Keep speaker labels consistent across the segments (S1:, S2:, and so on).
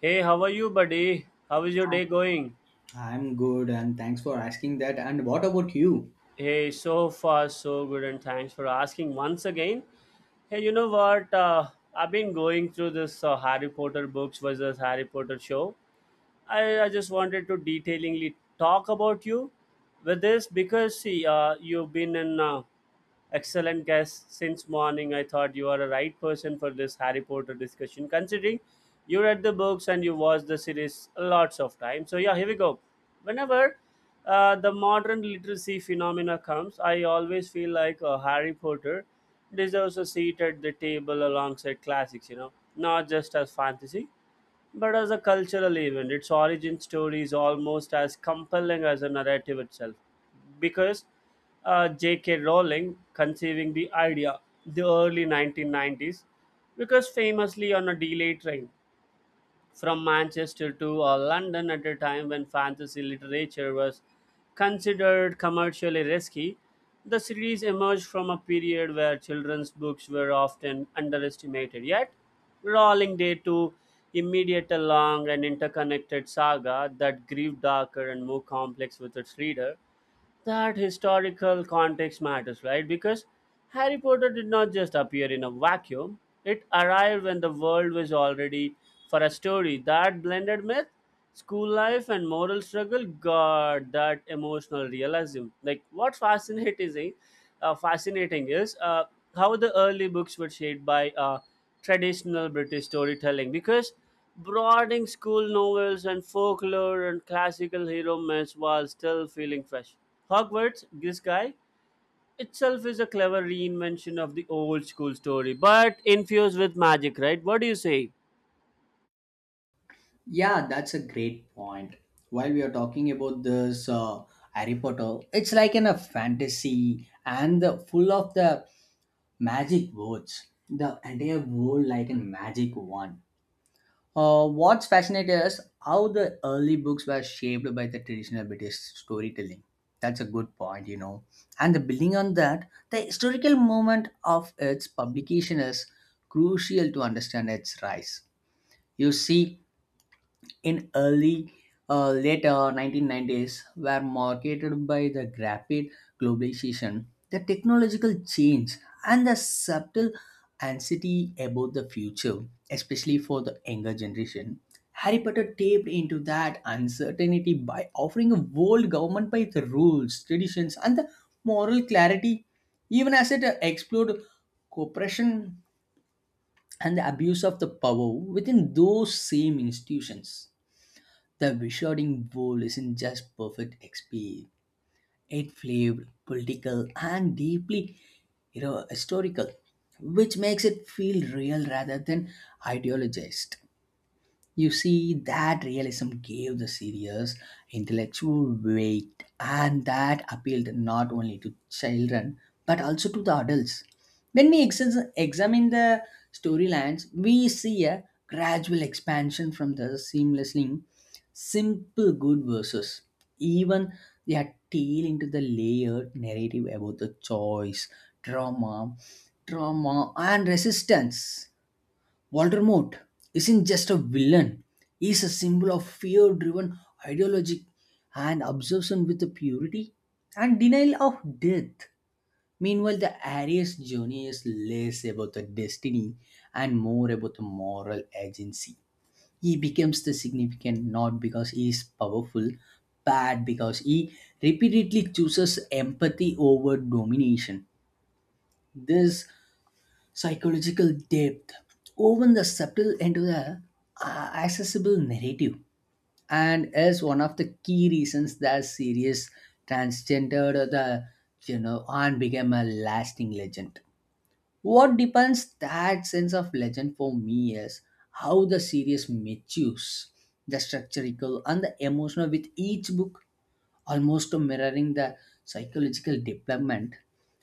S1: Hey, how are you, buddy? How is your day going?
S2: I'm good, and thanks for asking that. And what about you?
S1: Hey, so far so good, and thanks for asking once again. Hey, you know what? I've been going through this Harry Potter books versus Harry Potter show. I just wanted to detailingly talk about you with this because see, you've been in excellent guest. Since morning, I thought you are a right person for this Harry Potter discussion, considering you read the books and you watched the series lots of times. So, yeah, here we go. Whenever the modern literacy phenomena comes, I always feel like Harry Potter deserves a seat at the table alongside classics, you know, not just as fantasy, but as a cultural event. Its origin story is almost as compelling as the narrative itself. Because J.K. Rowling conceiving the idea the early 1990s, because famously on a delay train from Manchester to London at a time when fantasy literature was considered commercially risky. The series emerged from a period where children's books were often underestimated, yet Rowling did to immediate a long and interconnected saga that grew darker and more complex with its reader. That historical context matters, right? Because Harry Potter did not just appear in a vacuum, it arrived when the world was already for a story that blended myth, school life, and moral struggle. God, that emotional realism. Like, what's fascinating, fascinating is how the early books were shaped by traditional British storytelling because brooding school novels and folklore and classical hero myths while still feeling fresh. Hogwarts, this guy, itself is a clever reinvention of the old school story, but infused with magic, right? What do you say?
S2: Yeah, that's a great point. While we are talking about this Harry Potter, it's like in a fantasy and the, full of the magic words. The entire world like a magic wand. What's fascinating is how the early books were shaped by the traditional British storytelling. That's a good point, you know. And the building on that, the historical moment of its publication is crucial to understand its rise. You see, in early late 1990s were marketed by the rapid globalization, the technological change, and the subtle anxiety about the future, especially for the younger generation. Harry Potter tapped into that uncertainty by offering a world government by the rules, traditions, and the moral clarity, even as it explored corporation and the abuse of the power within those same institutions. The Wisharding World isn't just perfect XP. It flavor, political, and deeply, you know, historical, which makes it feel real rather than ideologized. You see, that realism gave the serious intellectual weight, and that appealed not only to children but also to the adults. When we examine the storylines, we see a gradual expansion from the seamlessly simple good verses, even their tail into the layered narrative about the choice, trauma, trauma, and resistance. Walter Mott isn't just a villain, he's a symbol of fear driven ideology and obsession with the purity and denial of death. Meanwhile, the Aries journey is less about the destiny and more about the moral agency. He becomes the significant not because he is powerful, but because he repeatedly chooses empathy over domination. This psychological depth woven the subtle into the accessible narrative and is one of the key reasons that series transgendered or the, you know, and became a lasting legend. What depends that sense of legend for me is how the series matures the structural and the emotional with each book, almost mirroring the psychological development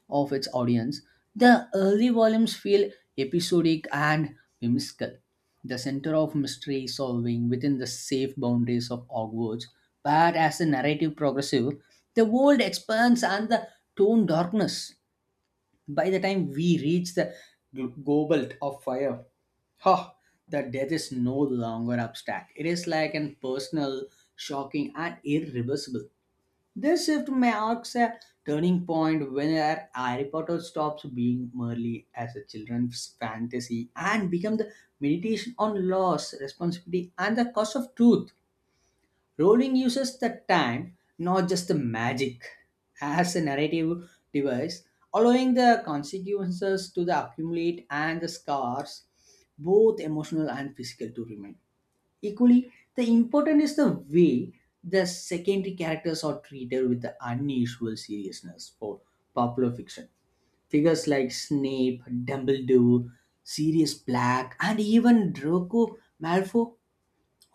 S2: of its audience. The early volumes feel episodic and whimsical. The center of mystery solving within the safe boundaries of Hogwarts, but as the narrative progresses, the world expands and the tone darkness. By the time we reach the goblet of fire, ha, the death is no longer abstract. It is like an personal, shocking, and irreversible. This shift marks a turning point where Harry Potter stops being merely as a children's fantasy and becomes the meditation on loss, responsibility, and the cost of truth. Rowling uses the time, not just the magic, as a narrative device, allowing the consequences to the accumulate and the scars, both emotional and physical, to remain. Equally, the important is the way the secondary characters are treated with the unusual seriousness for popular fiction. Figures like Snape, Dumbledore, Sirius Black, and even Draco Malfoy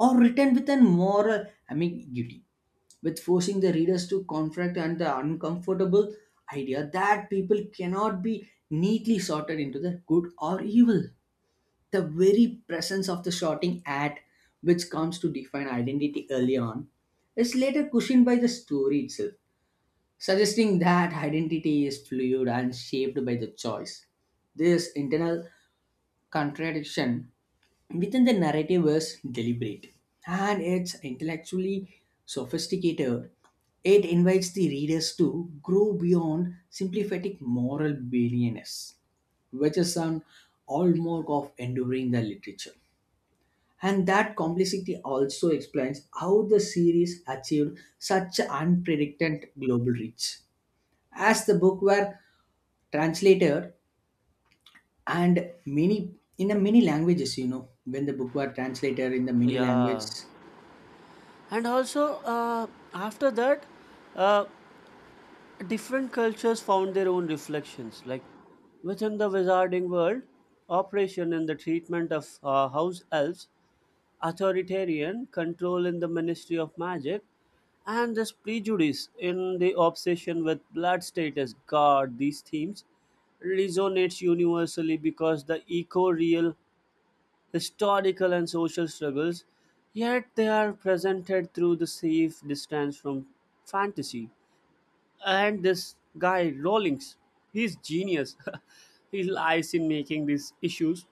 S2: are written with an moral ambiguity, with forcing the readers to confront and the uncomfortable idea that people cannot be neatly sorted into the good or evil. The very presence of the shouting at which comes to define identity early on is later cushioned by the story itself, suggesting that identity is fluid and shaped by the choice. This internal contradiction within the narrative is deliberate, and it's intellectually sophisticated. It invites the readers to grow beyond sympathetic moral barrenness, which is an hallmark of enduring the literature. And that complexity also explains how the series achieved such unprecedented global reach. As the book were translated and many in the many languages, you know, when the book were translated in the many
S1: Yeah.
S2: languages,
S1: And also, after that, uh, different cultures found their own reflections. Like within the wizarding world, operation in the treatment of house elves, authoritarian control in the Ministry of Magic, and this prejudice in the obsession with blood status guard. These themes resonates universally because the eco-real historical and social struggles, yet they are presented through the safe distance from fantasy. And this guy Rawlings, he's genius. He lies in making these issues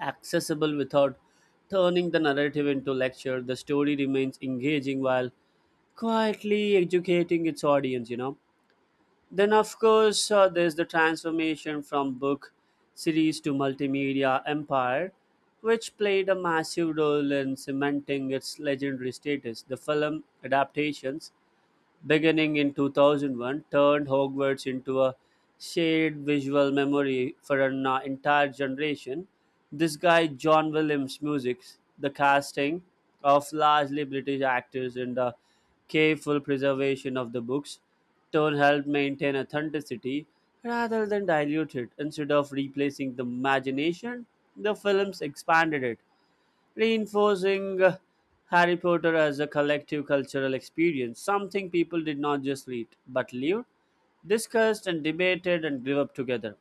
S1: accessible without turning the narrative into lecture. The story remains engaging while quietly educating its audience, you know. Then, of course, there's the transformation from book series to multimedia empire, which played a massive role in cementing its legendary status. The film adaptations beginning in 2001, turned Hogwarts into a shared visual memory for an entire generation. This guy, John Williams' music, the casting of largely British actors, and the careful preservation of the books tone helped maintain authenticity rather than dilute it. Instead of replacing the imagination, the films expanded it, reinforcing Harry Potter as a collective cultural experience, something people did not just read but lived, discussed, and debated and grew up together.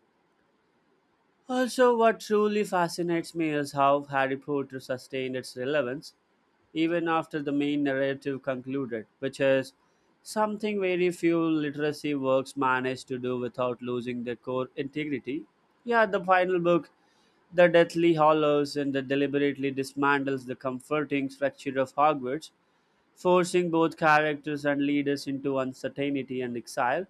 S1: Also, what truly fascinates me is how Harry Potter sustained its relevance even after the main narrative concluded, which is something very few literacy works manage to do without losing their core integrity. Yeah, the final book, the Deathly Hollows, and the deliberately dismantles the comforting structure of Hogwarts, forcing both characters and leaders into uncertainty and exile.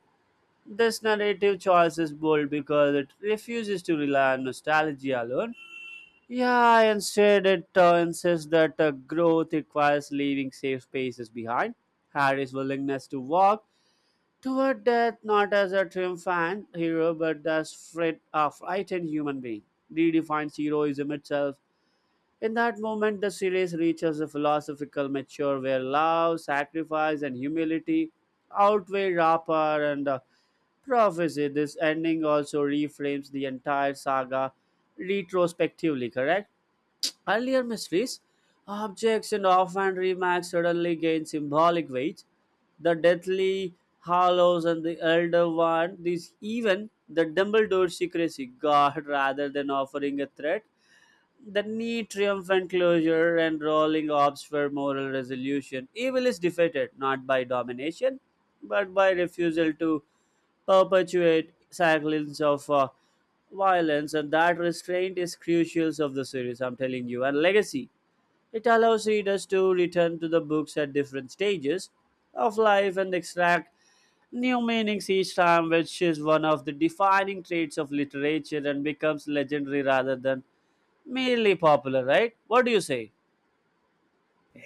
S1: This narrative choice is bold because it refuses to rely on nostalgia alone. Yeah, instead it insists that growth requires leaving safe spaces behind. Harry's willingness to walk toward death not as a triumphant hero but as a frightened human being redefines heroism itself. In that moment, the series reaches a philosophical mature where love, sacrifice, and humility outweigh rapper and prophecy. This ending also reframes the entire saga retrospectively, correct? Earlier mysteries, objects, and offhand remarks suddenly gain symbolic weight. The Deathly Hollows and the elder one, these even the Dumbledore secrecy guard, rather than offering a threat the neat, triumphant closure and rolling orbs for moral resolution. Evil is defeated not by domination, but by refusal to perpetuate cycles of violence, and that restraint is crucial of the series. I'm telling you, and legacy. It allows readers to return to the books at different stages of life and extract new meanings each time, which is one of the defining traits of literature and becomes legendary rather than merely popular, right? What do you say?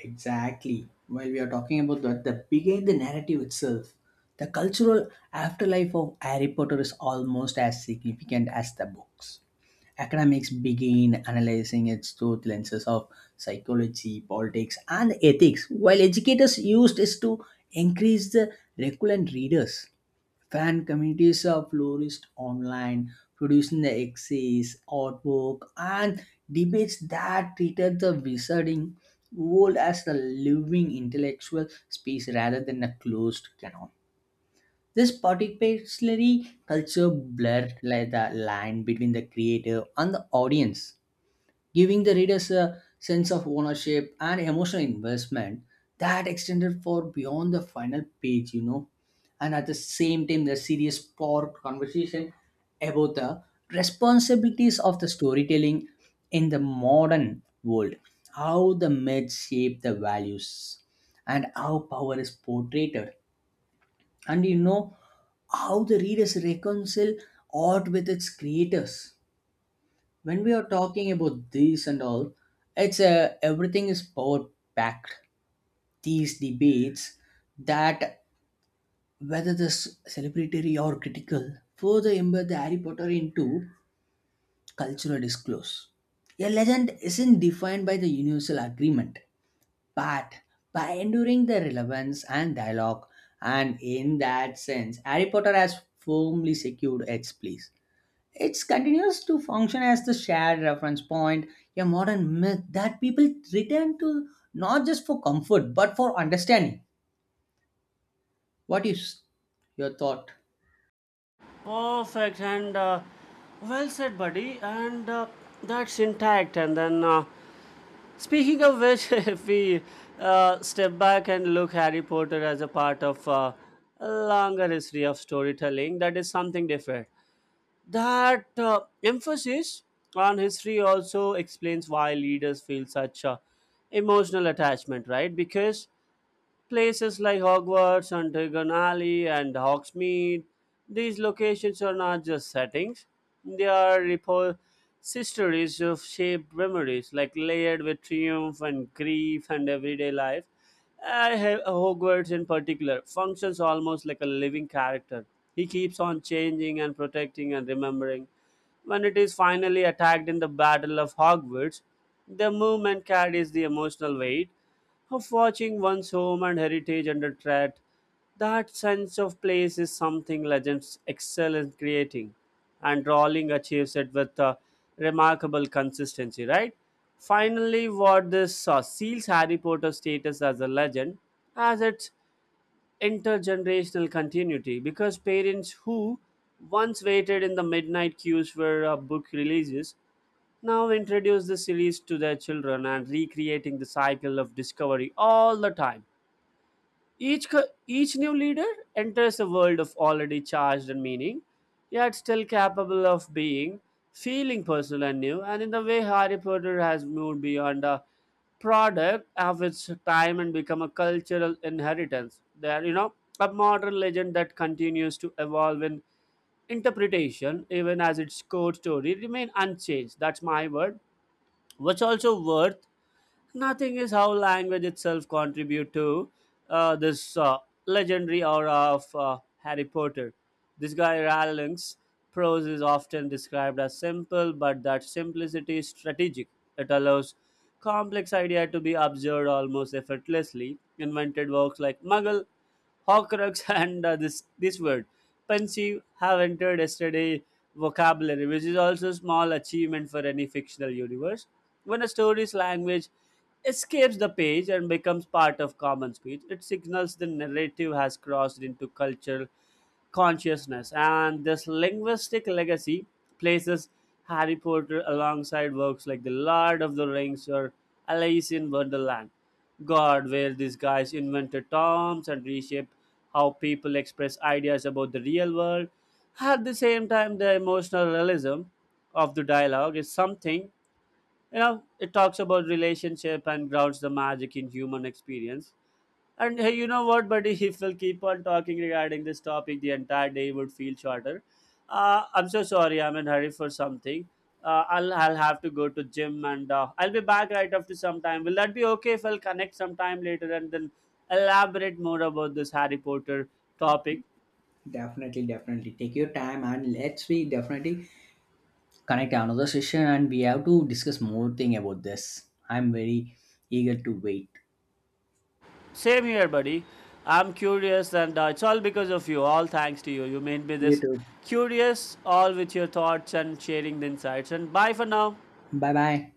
S2: exactly. While we are talking about that, the began the narrative itself. The cultural afterlife of Harry Potter is almost as significant as the books. Academics begin analyzing it through the lenses of psychology, politics, and ethics, while educators used it to increase the recurrent readers. Fan communities have flourished online, producing the essays, artwork, and debates that treated the wizarding world as a living intellectual space rather than a closed canon. This particularly culture blurred like the line between the creator and the audience, giving the readers a sense of ownership and emotional investment that extended far beyond the final page, you know. And at the same time, the serious plot conversation about the responsibilities of the storytelling in the modern world, how the myths shape the values, and how power is portrayed, and, you know, how the readers reconcile art with its creators. When we are talking about this and all, it's a everything is power packed, these debates that whether this celebratory or critical further embed the harry potter into cultural discourse. A legend isn't defined by the universal agreement but by enduring the relevance and dialogue. And in that sense, Harry Potter has firmly secured its place. It continues to function as the shared reference point, a modern myth that people return to not just for comfort but for understanding. What is your thought?
S1: Perfect and well said, buddy. And that's intact. And then, speaking of which, if we step back and look Harry Potter as a part of a longer history of storytelling, that is something different. That emphasis on history also explains why leaders feel such emotional attachment, right? Because places like Hogwarts, Antigone Alley, and Hogsmeade, these locations are not just settings; they are histories of shaped memories, like layered with triumph and grief and everyday life. I have Hogwarts in particular functions almost like a living character. He keeps on changing and protecting and remembering. When it is finally attacked in the Battle of Hogwarts, the movement carries the emotional weight of watching one's home and heritage under threat. That sense of place is something legends excel in creating, and Rowling achieves it with remarkable consistency, right? Finally, what this seals Harry Potter's status as a legend, as it intergenerational continuity because parents who once waited in the midnight queues for a book releases now introduce the series to their children and recreating the cycle of discovery all the time. Each new leader enters a world of already charged and meaning, yet still capable of being feeling personal and new. And in the way Harry Potter has moved beyond a product of its time and become a cultural inheritance. There, you know, a modern legend that continues to evolve in interpretation, even as its core story remain unchanged. That's my word. What's also worth nothing is how language itself contribute to this legendary aura of Harry Potter. This guy Rowling's prose is often described as simple, but that simplicity is strategic. It allows complex idea to be observed almost effortlessly. Invented works like muggle, horcrux, and this word pensive have entered yesterday vocabulary, which is also a small achievement for any fictional universe. When a story's language escapes the page and becomes part of common speech, it signals the narrative has crossed into cultural consciousness, and this linguistic legacy places Harry Potter alongside works like The Lord of the Rings or Alice in Wonderland. God, where these guys invented terms and reshaped how people express ideas about the real world. At the same time, the emotional realism of the dialogue is something, you know, it talks about relationship and grounds the magic in human experience. And hey, you know what, buddy, if we'll keep on talking regarding this topic the entire day would feel shorter. I'm so sorry, I'm in hurry for something. I'll have to go to gym and I'll be back right after some time. Will that be okay if I'll connect sometime later and then elaborate more about this Harry Potter topic?
S2: Definitely, definitely. Take your time, and let's we definitely connect another session and we have to discuss more thing about this. I'm very eager to wait.
S1: Same here, buddy. I'm curious, and it's all because of you. All thanks to you. You made me
S2: You
S1: this
S2: too.
S1: curious, all with your thoughts and sharing the insights. And bye for now.
S2: Bye bye.